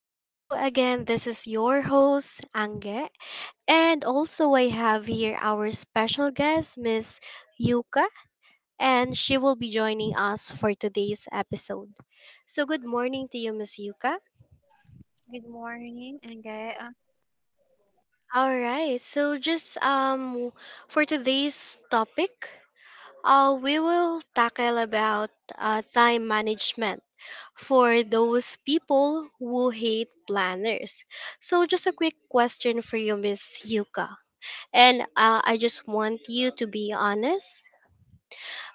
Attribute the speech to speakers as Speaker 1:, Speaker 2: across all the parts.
Speaker 1: Again, this is your host, Ange. And also, I have here our special guest, Miss Yuka, and she will be joining us for today's episode. So, good morning to you, Miss Yuka.
Speaker 2: Good morning, Angge.
Speaker 1: All right. So, just For today's topic, we will tackle about time management for those people who hate planners. So, just a quick question for you, Miss Yuka. And I just want you to be honest.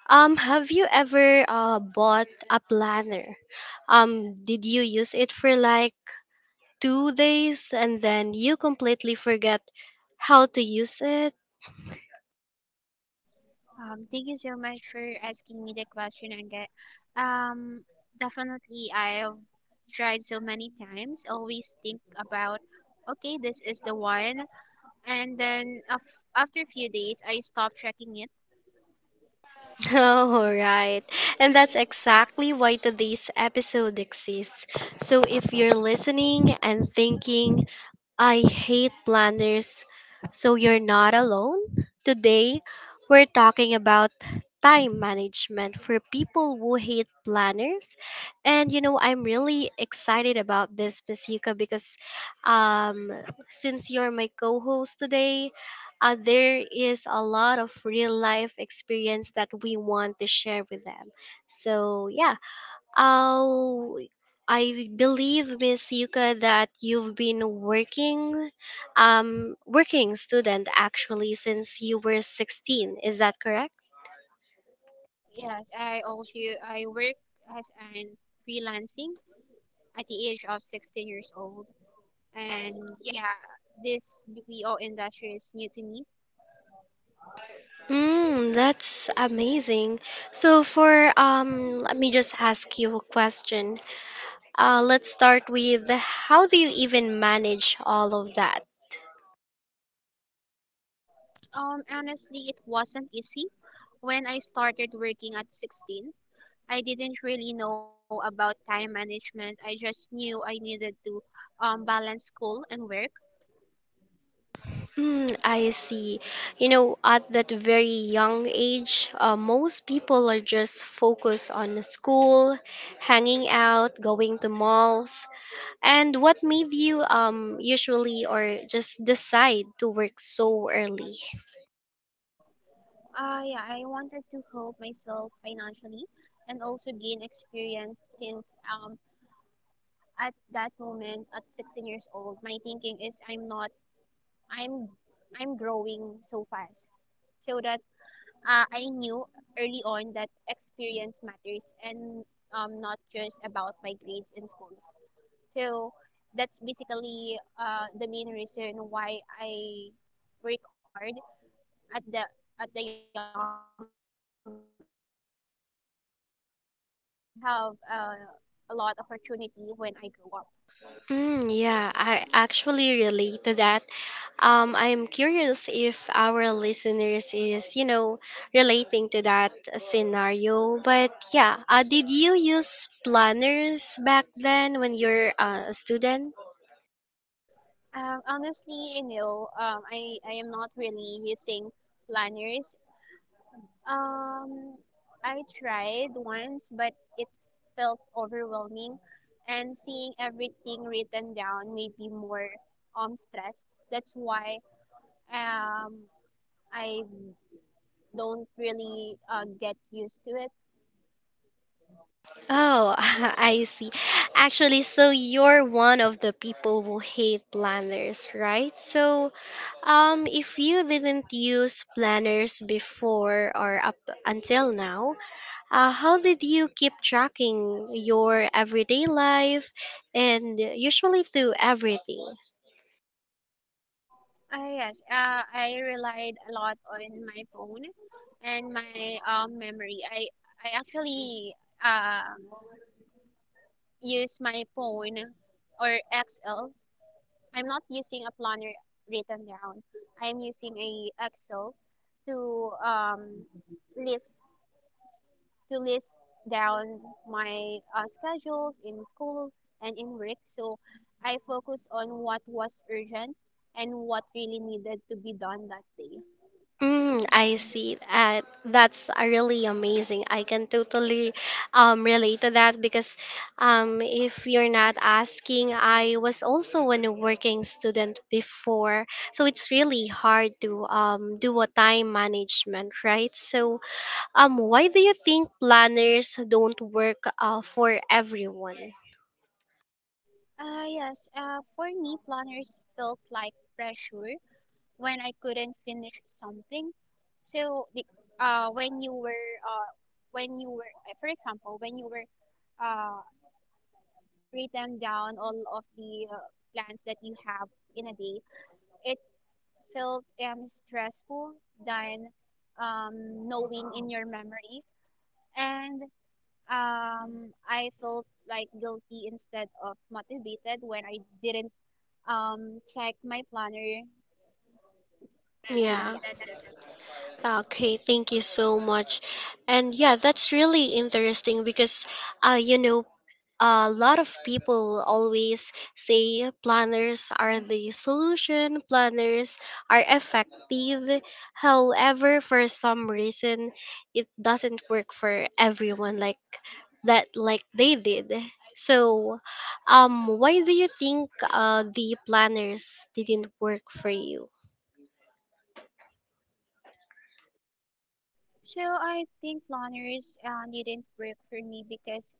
Speaker 1: Have you ever bought a planner? Did you use it for like 2 days and then you completely forget how to use it?
Speaker 2: Thank you so much for asking me the question, Angge. Um, definitely, I've tried so many times. Always think about, okay, this is the one, and then after a few days, I stop tracking it.
Speaker 1: All right. And
Speaker 2: And
Speaker 1: that's
Speaker 2: that's
Speaker 1: exactly
Speaker 2: exactly.
Speaker 1: why today's episode exists. So if you're listening and thinking, I hate planners, so you're not alone. Today, we're talking about time management for people who hate planners. And you know, I'm really excited about this, Masika, because um, since you're my co host today, there is a lot of real life experience that we want to share with them. So, yeah. Oh, I believe, Miss Yuka, that you've been working, working student actually since you were 16. Is that correct?
Speaker 2: Yes, I also I work as an freelancing at the age of 16 years old, and yeah, this BPO industry is new to me.
Speaker 1: Mm, that's amazing. So for let me just ask you a question. Let's start with how do you even manage all of that?
Speaker 2: Honestly, it wasn't easy. When I started working at 16, I didn't really know about time management. I just knew I needed to balance school and work.
Speaker 1: Mm, I see. You know, at that very young age, most people are just focused on school, hanging out, going to malls. And what made you usually or just decide to work so early?
Speaker 2: Yeah, I wanted to help myself financially and also gain experience since at that moment, at 16 years old, my thinking is I'm not, I'm, I'm growing so fast. So that I knew early on that experience matters and not just about my grades in schools. So that's basically the main reason why I work hard at the at the young age. I just really want to have a lot of opportunity when I grow up.
Speaker 1: Mm, yeah, I actually relate to that. I'm curious if our listeners is, you know, relating to that scenario. But yeah, did you use planners back then when you're a student?
Speaker 2: Honestly, I am not really using planners. Um, I tried once, but it felt overwhelming, and seeing everything written down made me more stressed. That's why um I don't really get used to it.
Speaker 1: Oh, I see. Actually, so you're one of the people who hate planners, right? So, if you didn't use planners before or up until now, how did you keep tracking your everyday life and usually through everything?
Speaker 2: Yes, I relied a lot on my phone and my memory. I actually um use my phone or Excel. I'm not using a planner written down. I am using a Excel to list list down my schedules in school and in work. So I focus on what was urgent and what really needed to be done that day.
Speaker 1: Mm, I see. That's really amazing. I can totally relate to that because if you're not asking, I was also a working student before. So it's really hard to do a time management, right? So why do you think planners don't work for everyone?
Speaker 2: Yes, for me, planners felt like pressure when I couldn't finish something. So the, uh, when you were uh, when you were for example, when you were uh, written down all of the plans that you have in a day, it felt stressful than knowing in your memory, and I felt like guilty instead of motivated when I didn't check my planner, and
Speaker 1: Yeah.
Speaker 2: yeah, that's.
Speaker 1: Okay, thank you so much. And yeah, that's really interesting because uh you know a lot of people always say planners are the solution, planners are effective. However, for some reason it doesn't work for everyone like that like they did. So, why do you think the planners didn't work for you?
Speaker 2: So I think planners didn't work for me because,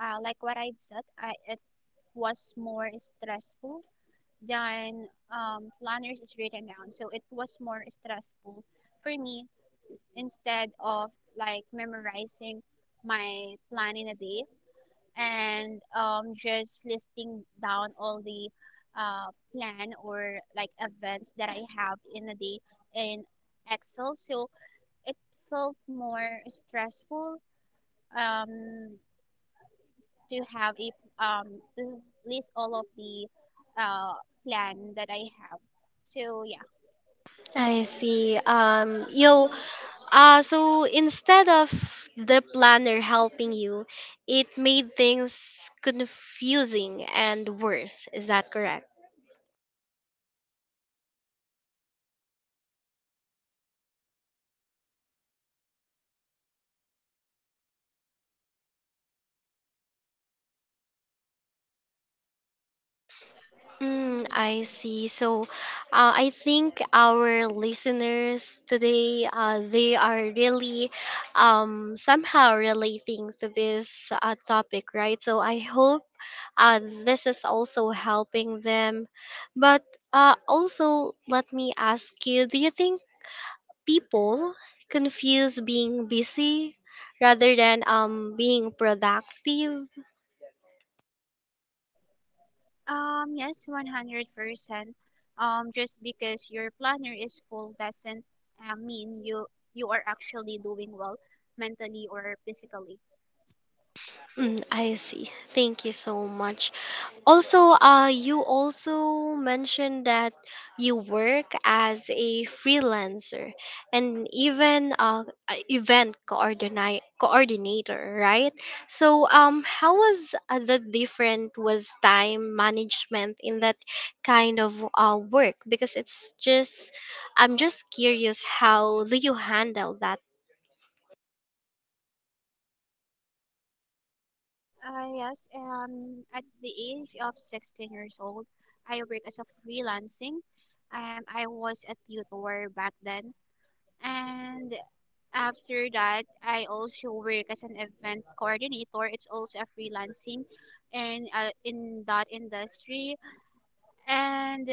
Speaker 2: like what I've said, it was more stressful than planners is written down. So it was more stressful for me instead of like memorizing my plan in a day and just listing down all the plan or like events that I have in a day in Excel. So it felt more stressful um, to have a to list all of the uh, plan that I have. So yeah,
Speaker 1: I see. You
Speaker 2: you
Speaker 1: So instead of the planner helping you, it made things confusing and worse. Is that correct? Mm, I see. So, I think our listeners today, they are really somehow relating to this topic, right? So, I hope this is also helping them. But also, let me ask you do you think people confuse being busy rather than being productive.
Speaker 2: yes, 100%. Just because your planner is full doesn't mean you are actually doing well mentally or physically.
Speaker 1: Mm, I see. Thank you so much. Also, you also mentioned that you work as a freelancer and even a event coordinate coordinator, right? So, how was the different was time management in that kind of work? Because it's just, I'm just curious, how do you handle that?
Speaker 2: Yes, at the age of 16 years old, I work as a freelancing. I was a tutor back then, and after that, I also work as an event coordinator. It's also a freelancing, and in that industry, and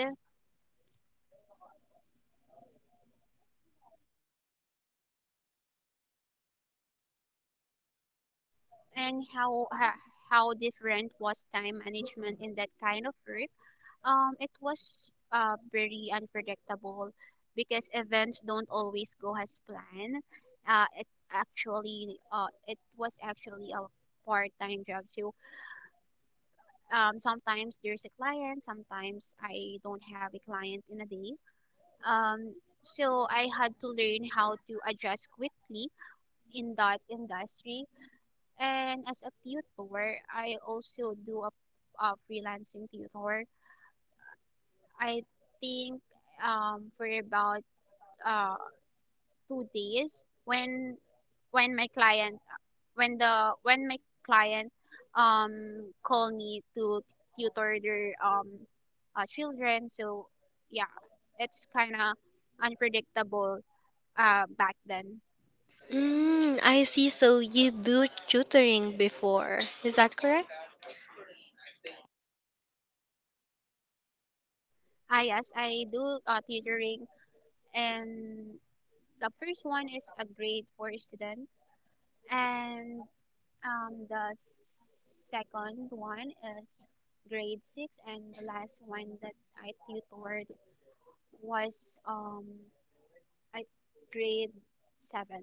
Speaker 2: and how ha- how different was time management in that kind of work. It was very unpredictable because events don't always go as planned. Uh, it it was actually a part-time job, so sometimes there's a client, sometimes I don't have a client in a day. Um, so I had to learn how to adjust quickly in that industry. And as a tutor, I also do a freelancing tutor. I think for about uh, 2 days when my client when the when my client call me to tutor their children, so yeah, it's kind of unpredictable back then.
Speaker 1: Mm, I see. So you do tutoring before, is that correct?
Speaker 2: Ah yes, I do tutoring, and the first one is a grade four student, and the second one is grade six, and the last one that I tutored was I grade seven.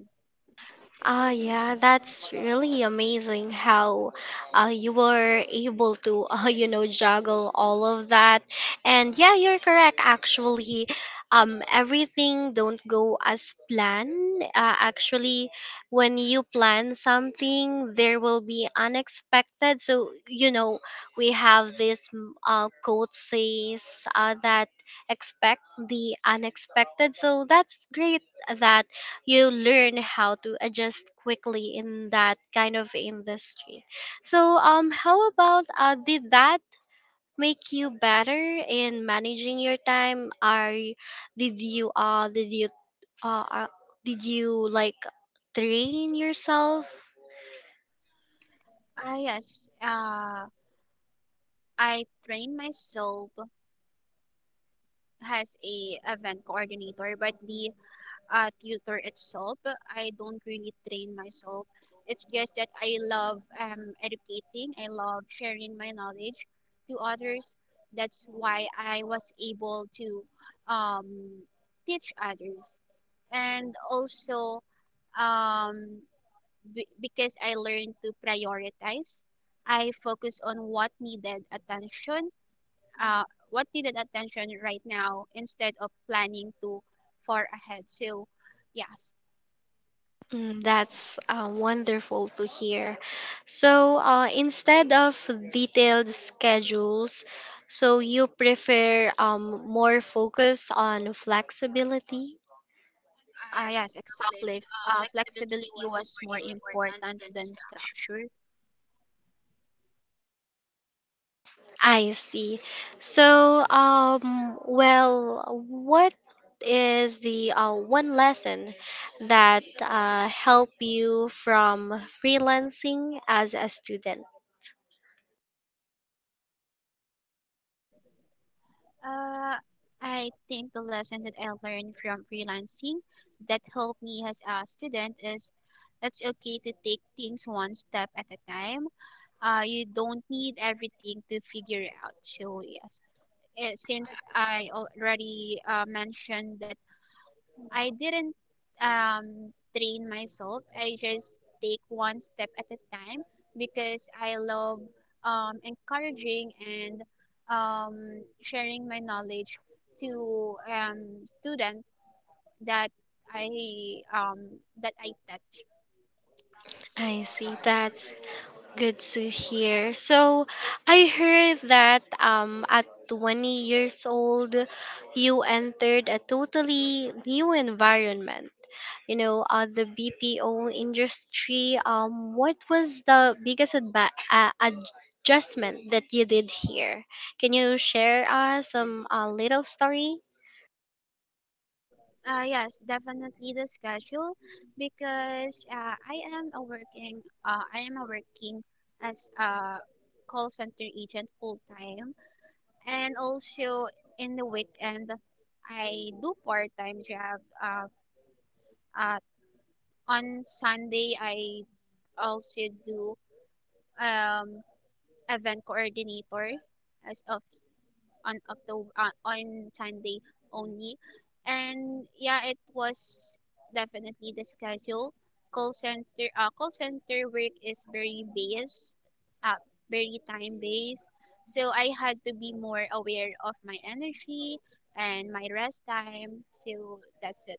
Speaker 1: Ah, yeah,
Speaker 2: Yeah.
Speaker 1: that's really amazing how you were able to, you know, juggle all of that. And yeah, you're correct. Actually, everything don't go as planned. Actually, when you plan something, there will be unexpected. So you know, we have this quote says that expect the unexpected. So that's great that you learn how to adjust quickly in that kind of industry. So, how about did that make you better in managing your time? Are y- did you did you uh, uh did you like train yourself?
Speaker 2: Ah yes. I train myself as a event coordinator, but the tutor itself, I don't really train myself. It's just that I love educating. I love sharing my knowledge to others. That's why I was able to um, teach others, and also um, because I learned to prioritize. I focus on uh, what needed attention right now instead of planning too far ahead. So, yes,
Speaker 1: Mm, that's wonderful to hear. So, instead of detailed schedules, so you prefer more focus on flexibility? Ah, yes,
Speaker 2: yes,
Speaker 1: Cliff.
Speaker 2: exactly.
Speaker 1: Flexibility
Speaker 2: Flexibility
Speaker 1: was
Speaker 2: was more
Speaker 1: more important
Speaker 2: important
Speaker 1: than
Speaker 2: than
Speaker 1: structure.
Speaker 2: structure.
Speaker 1: I see. So, well, what is the one lesson that helped you from freelancing as a student?
Speaker 2: Uh, I think the lesson that I learned from freelancing that helped me as a student is it's okay to take things one step at a time. You don't need everything to figure out. So yes, since I already mentioned that I didn't train myself, I just take one step at a time because I love encouraging and sharing my knowledge to students that I that I touch.
Speaker 1: I see. That's good to hear. So I heard that at 20 years old you entered a totally new environment. You know, the BPO industry. What was the biggest adjustment that you did here? Can you share us some little story?
Speaker 2: Yes, definitely the schedule because I am a working as a call center agent full time, and also in the weekend I do part time job. Uh, on Sunday I also do um, event coordinator as of on October, on Sunday only, and yeah, it was definitely the schedule. Call center work is very based, uh, very time based. So I had to be more aware of my energy and my rest time. So that's it.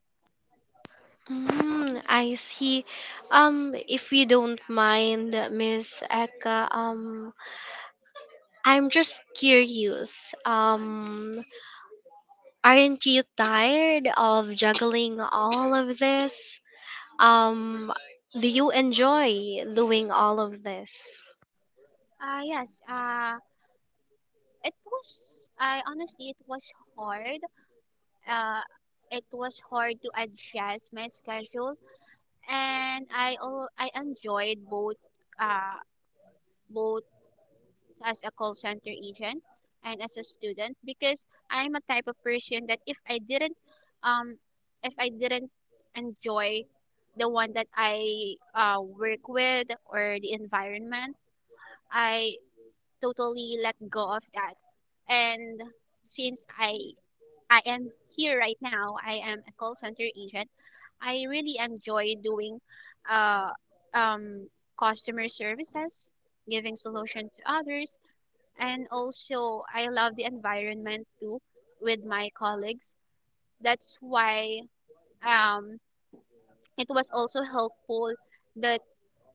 Speaker 1: Mm, I see. If you don't mind, Miss Eka, I'm just curious. Aren't you tired of juggling all of this? Um, do you enjoy doing all of this?
Speaker 2: Yes. It was. I Honestly, it was hard. Uh, it was hard to adjust my schedule, and I enjoyed both uh both as a call center agent and as a student because I'm a type of person that um if I didn't enjoy the one that I work with or the environment, I totally let go of that. And since I am here right now. I am a call center agent. I really enjoy doing uh, um, customer services, giving solution to others, and also I love the environment too with my colleagues. That's why um, it was also helpful that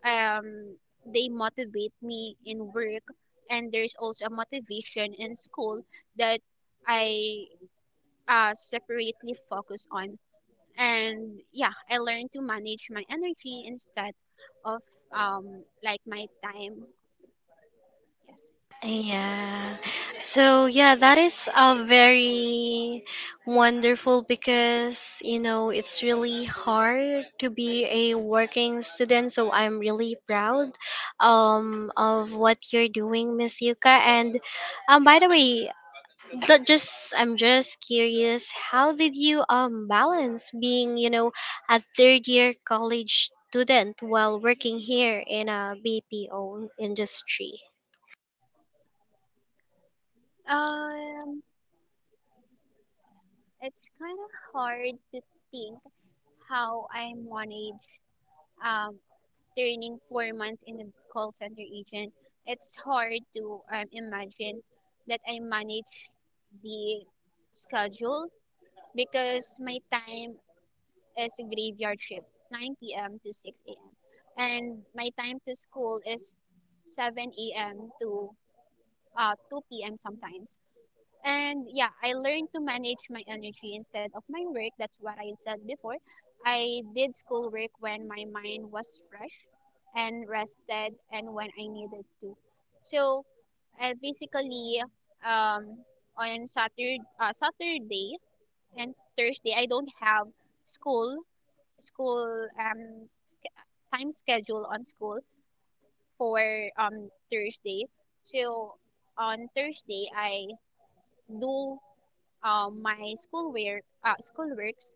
Speaker 2: um, they motivate me in work, and there's also a motivation in school that I separately focus on, and yeah, I learned to manage my energy instead of um like my time, yes.
Speaker 1: Yeah. So yeah, that is a very wonderful because you know it's really hard to be a working student. So I'm really proud of what you're doing, Miss Yuka. And by the way, Not just I'm just curious, how did you balance being, you know, a third year college student while working here in a BPO industry?
Speaker 2: um it's kind of hard to think how I manage um turning 4 months in the call center agent. It's hard to imagine that I manage the schedule because my time is graveyard shift, 9 p.m. to 6 a.m. And my time to school is 7 a.m. to 2 p.m. sometimes. And yeah, I learned to manage my energy instead of my work. That's what I said before. I did schoolwork when my mind was fresh and rested and when I needed to. So basically, um, Saturday and Thursday, I don't have school time schedule on school for Thursday. So on Thursday I do my school works,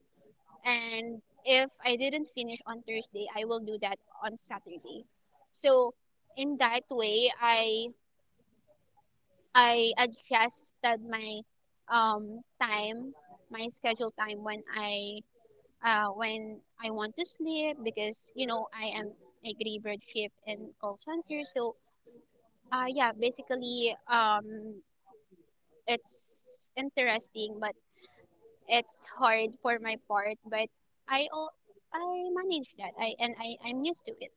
Speaker 2: and if I didn't finish on Thursday I will do that on Saturday. So in that way I adjusted my time my schedule time when I want to sleep because you know I am a graveyard shift in call center. So yeah, basically it's interesting, but it's hard for my part. But I al- I manage that. I'm used to it.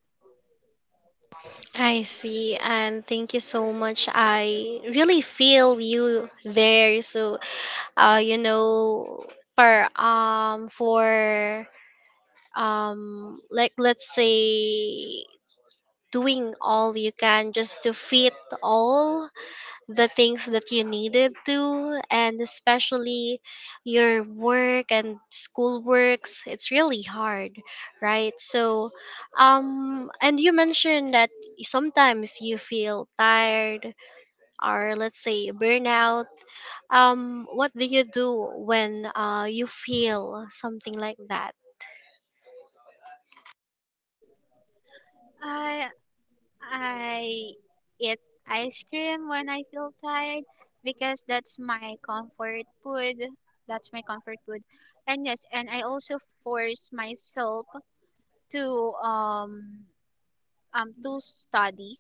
Speaker 1: I see, and thank you so much. I really feel you there. So, you know, for like let's say doing all you can just to fit all the things that you needed to and especially your work and school works it's really hard, right? So and you mentioned that sometimes you feel tired or let's say burnout. What do you do when you feel something like that?
Speaker 2: I I eat ice cream when I feel tired because that's my comfort food. That's my comfort food. And yes, and I also force myself to um to study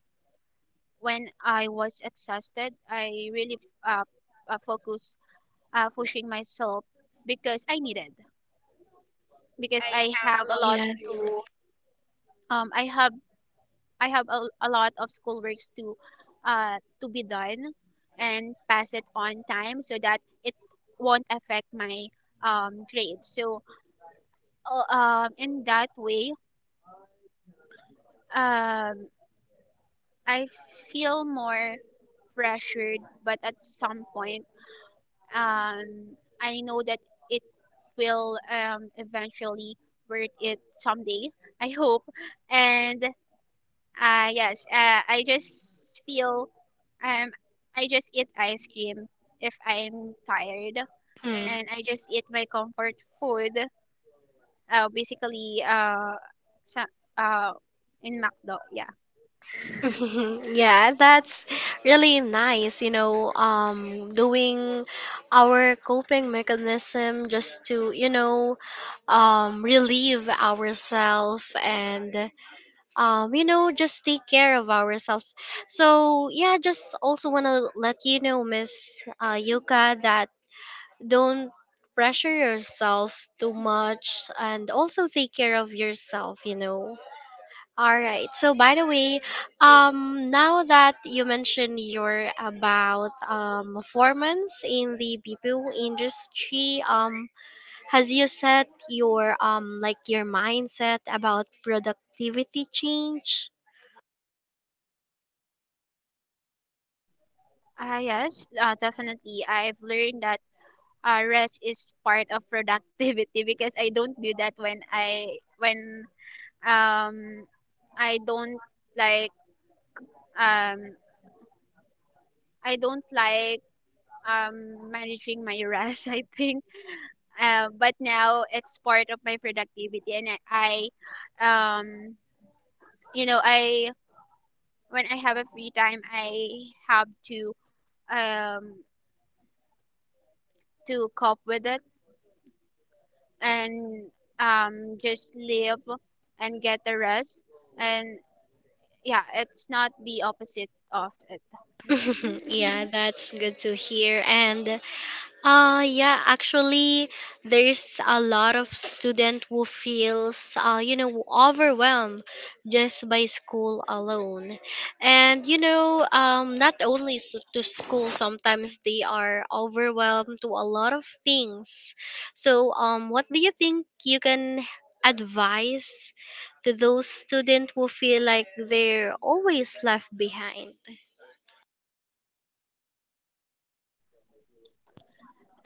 Speaker 2: when I was exhausted. I really uh, focus pushing myself because I needed because I have a lot
Speaker 1: Yes.
Speaker 2: to um i have I have a lot of schoolworks to be done and pass it on time so that it won't affect my grade. So in that way um I feel more pressured, but at some point, I know that it will eventually worth it someday. I hope. And yes, I just feel um, I just eat ice cream if I'm tired,
Speaker 1: Hmm.
Speaker 2: and I just eat my comfort food. Basically, sa- uh, in McDo, yeah.
Speaker 1: Yeah, that's really nice, you know, doing our coping mechanism just to, you know, relieve ourselves and you know, just take care of ourselves. So, yeah, just also want to let you know, Miss Yuka, that don't pressure yourself too much and also take care of yourself, you know. All right. So by the way, now that you mentioned your about performance in the BPO industry, has you set your like your mindset about productivity change?
Speaker 2: Ah yes, definitely. I've learned that rest is part of productivity because I don't do that when um I don't like um I don't like managing my rest I think. But now it's part of my productivity, and I um you know, I when I have a free time I have um to cope with it and just live and get the rest, and yeah, it's not the opposite of it.
Speaker 1: Yeah, that's good to hear. And yeah, actually there's a lot of student who feels you know overwhelmed just by school alone. And you know not only s to school sometimes they are overwhelmed to a lot of things. So what do you think you can advise to those students who feel like they're always left behind?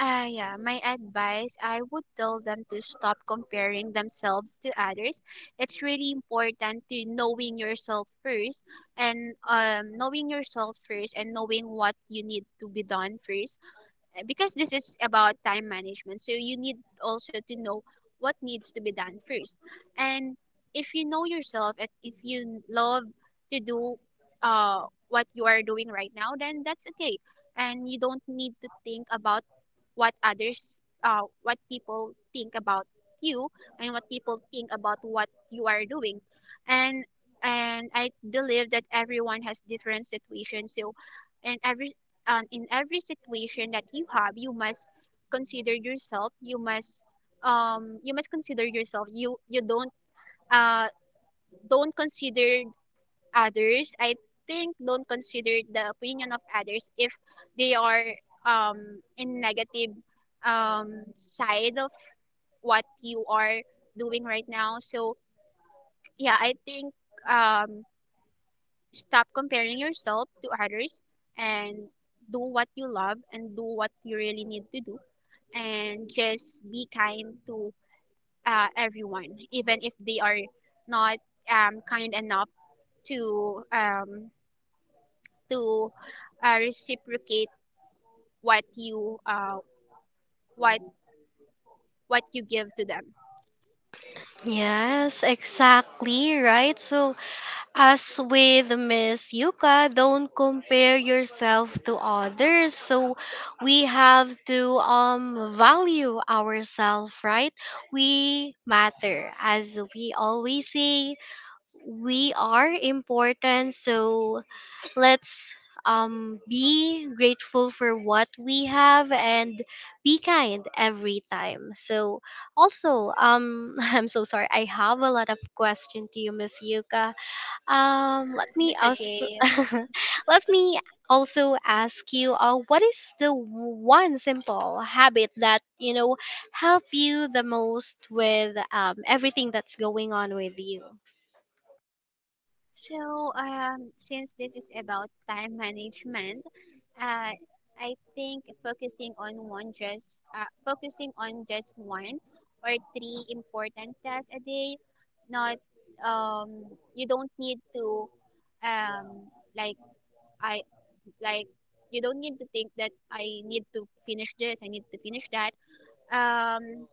Speaker 2: Yeah, my advice, I would tell them to stop comparing themselves to others. It's really important to knowing yourself first and knowing what you need to be done first. Because this is about time management, so you need also to know what needs to be done first. And if you know yourself and if you love to do what you are doing right now, then that's okay. And you don't need to think about what people think about you and what people think about what you are doing. And and I believe that everyone has different situations, so and every and in every situation that you have, you must consider yourself. You uh don't consider others. I think don't consider the opinion of others if they are, um in negative side of what you are doing right now. So yeah, I think, um stop comparing yourself to others, and do what you love and do what you really need to do, and just be kind to everyone, even if they are not kind enough to to reciprocate what you uh, what what you give to them.
Speaker 1: Yes, exactly, right? So as with Miss Yuka, don't compare yourself to others. So we have to value ourselves, right? We matter. As we always say, we are important. So let's be grateful for what we have and be kind every time. So also I'm so sorry. I have a lot of question to you, Miss Yuka. Let me
Speaker 2: It's
Speaker 1: also
Speaker 2: okay.
Speaker 1: let me also ask you, what is the one simple habit that you know help you the most with everything that's going on with you?
Speaker 2: So, since this is about time management, uh, I think focusing on just one or three important tasks a day, not um, you don't need to um, like I like you don't need to think that I need to finish this, I need to finish that. Um,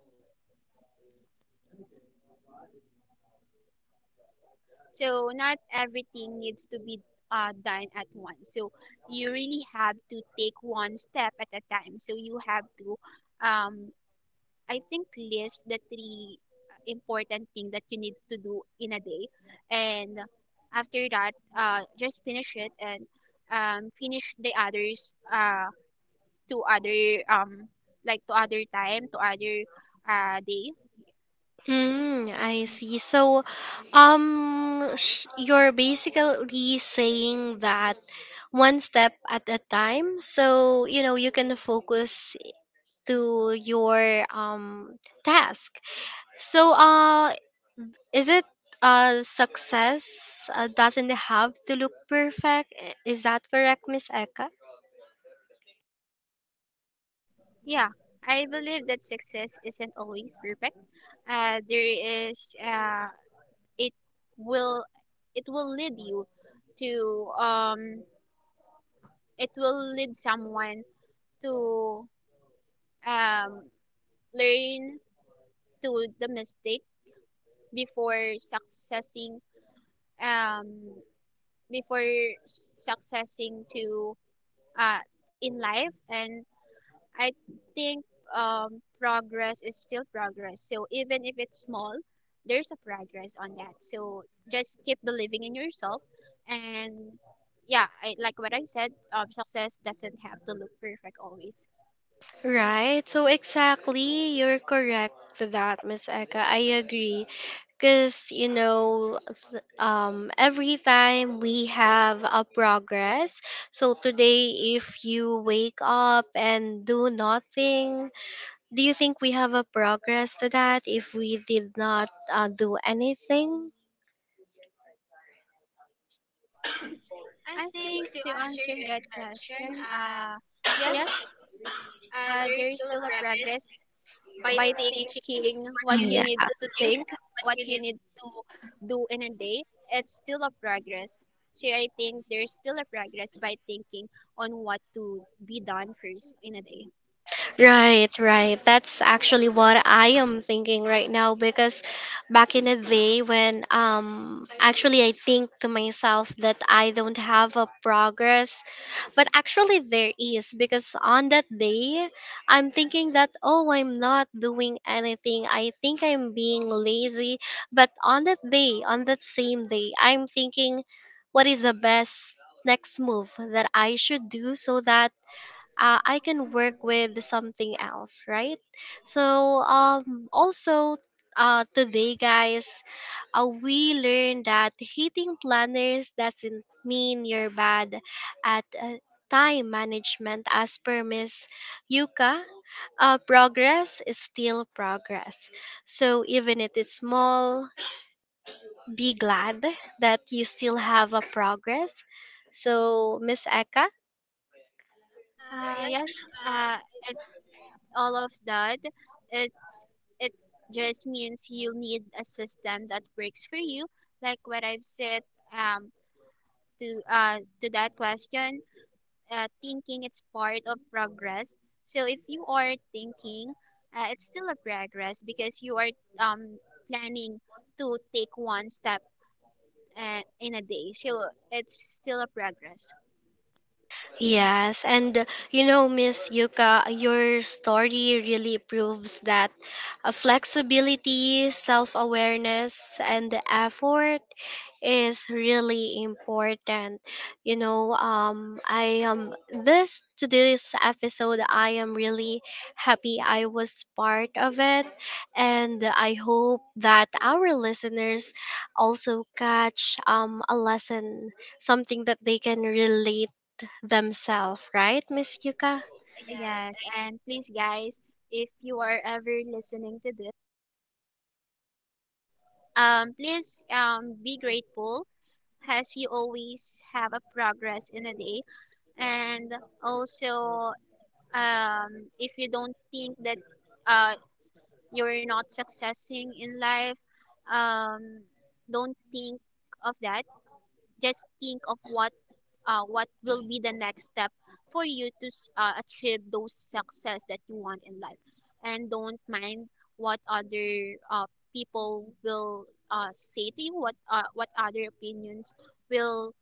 Speaker 2: So not everything needs to be done at once. So you really have to take one step at a time. So you have to, um, I think, list the three important thing that you need to do in a day, and after that, just finish it and finish the others to other, to other time, to other, day.
Speaker 1: Mm, I see. So, you're basically saying that one step at a time. So, you know, you can focus to your task. So, is it success doesn't have to look perfect? Is that correct, Miss Eka?
Speaker 2: Yeah, I believe that success isn't always perfect. There is it will it will lead you to um it will lead someone to um learn to the mistake before successing um before successing to uh in life. And I think, progress is still progress. So even if it's small, there's a progress on that. So just keep believing in yourself, and yeah, like what I said, success doesn't have to look perfect always.
Speaker 1: Right. So exactly, you're correct to that, Miss Eka. I agree. Because you know every time we have a progress, so today if you wake up and do nothing, do you think we have a progress to that if we did not do anything?
Speaker 2: I think to answer that question, yes,
Speaker 1: There is
Speaker 2: there's
Speaker 1: still a
Speaker 2: still a
Speaker 1: practice,
Speaker 2: progress
Speaker 1: but I
Speaker 2: by
Speaker 1: think you.
Speaker 2: thinking what you
Speaker 1: Yeah.
Speaker 2: need to
Speaker 1: Need think
Speaker 2: think, what
Speaker 1: you
Speaker 2: you
Speaker 1: need.
Speaker 2: need to do in a day, it's still a progress. So I think there's still a progress by thinking on what to be done first in a day.
Speaker 1: Right, right. That's actually what I am thinking right now because back in the day when actually I think to myself that I don't have a progress. But actually, there is, because on that day, I'm thinking that, oh, I'm not doing anything. I think I'm being lazy. But on that day, on that same day, I'm thinking, what is the best next move that I should do so that I can work with something else, right? So also today guys, we learned that hating planners doesn't mean you're bad at time management as per Miss Yuka. Progress is still progress. So even if it's small, be glad that you still have a progress. So Miss Eka,
Speaker 2: Yes, uh, it's all of that. It it just means you need a system that works for you. Like what I've said, um to that question, thinking it's part of progress. So if you are thinking, it's still a progress because you are, um, planning to take one step in a day. So it's still a progress.
Speaker 1: yes, and you know, Miss Yuka, your story really proves that flexibility, self awareness, and the effort is really important. You know, I am this episode, I am really happy I was part of it, and I hope that our listeners also catch a lesson, something that they can relate themselves, right, Miss Yuka?
Speaker 2: Yes, and please, guys, if you are ever listening to this, please be grateful as you always have a progress in a day. And also, um, if you don't think that uh, you're not successing in life, um don't think of that, just think of what will be the next step for you to achieve those success that you want in life, and don't mind what other people will say to you, what other opinions will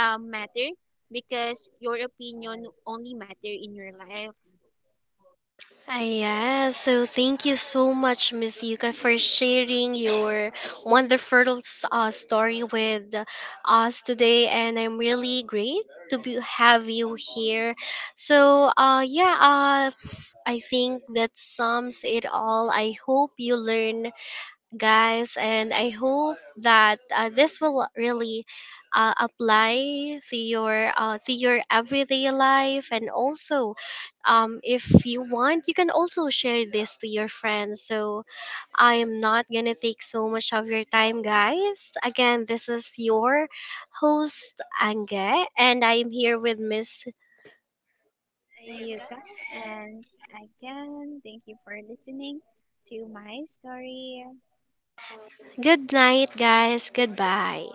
Speaker 2: matter, because your opinion only matter in your life.
Speaker 1: Ah, yeah, so thank you so much, Miss Yuka, for sharing your wonderful story with us today. And I'm really great to be, have you here. So, I think that sums it all. I hope you learn guys, and I hope that this will really apply to your everyday life, and also, if you want, you can also share this to your friends. So I am not gonna take so much of your time, guys. Again, this is your host Ange, and I am here with Miss.
Speaker 2: Yuka, and again, thank you for listening to my story.
Speaker 1: Good night, guys. Goodbye.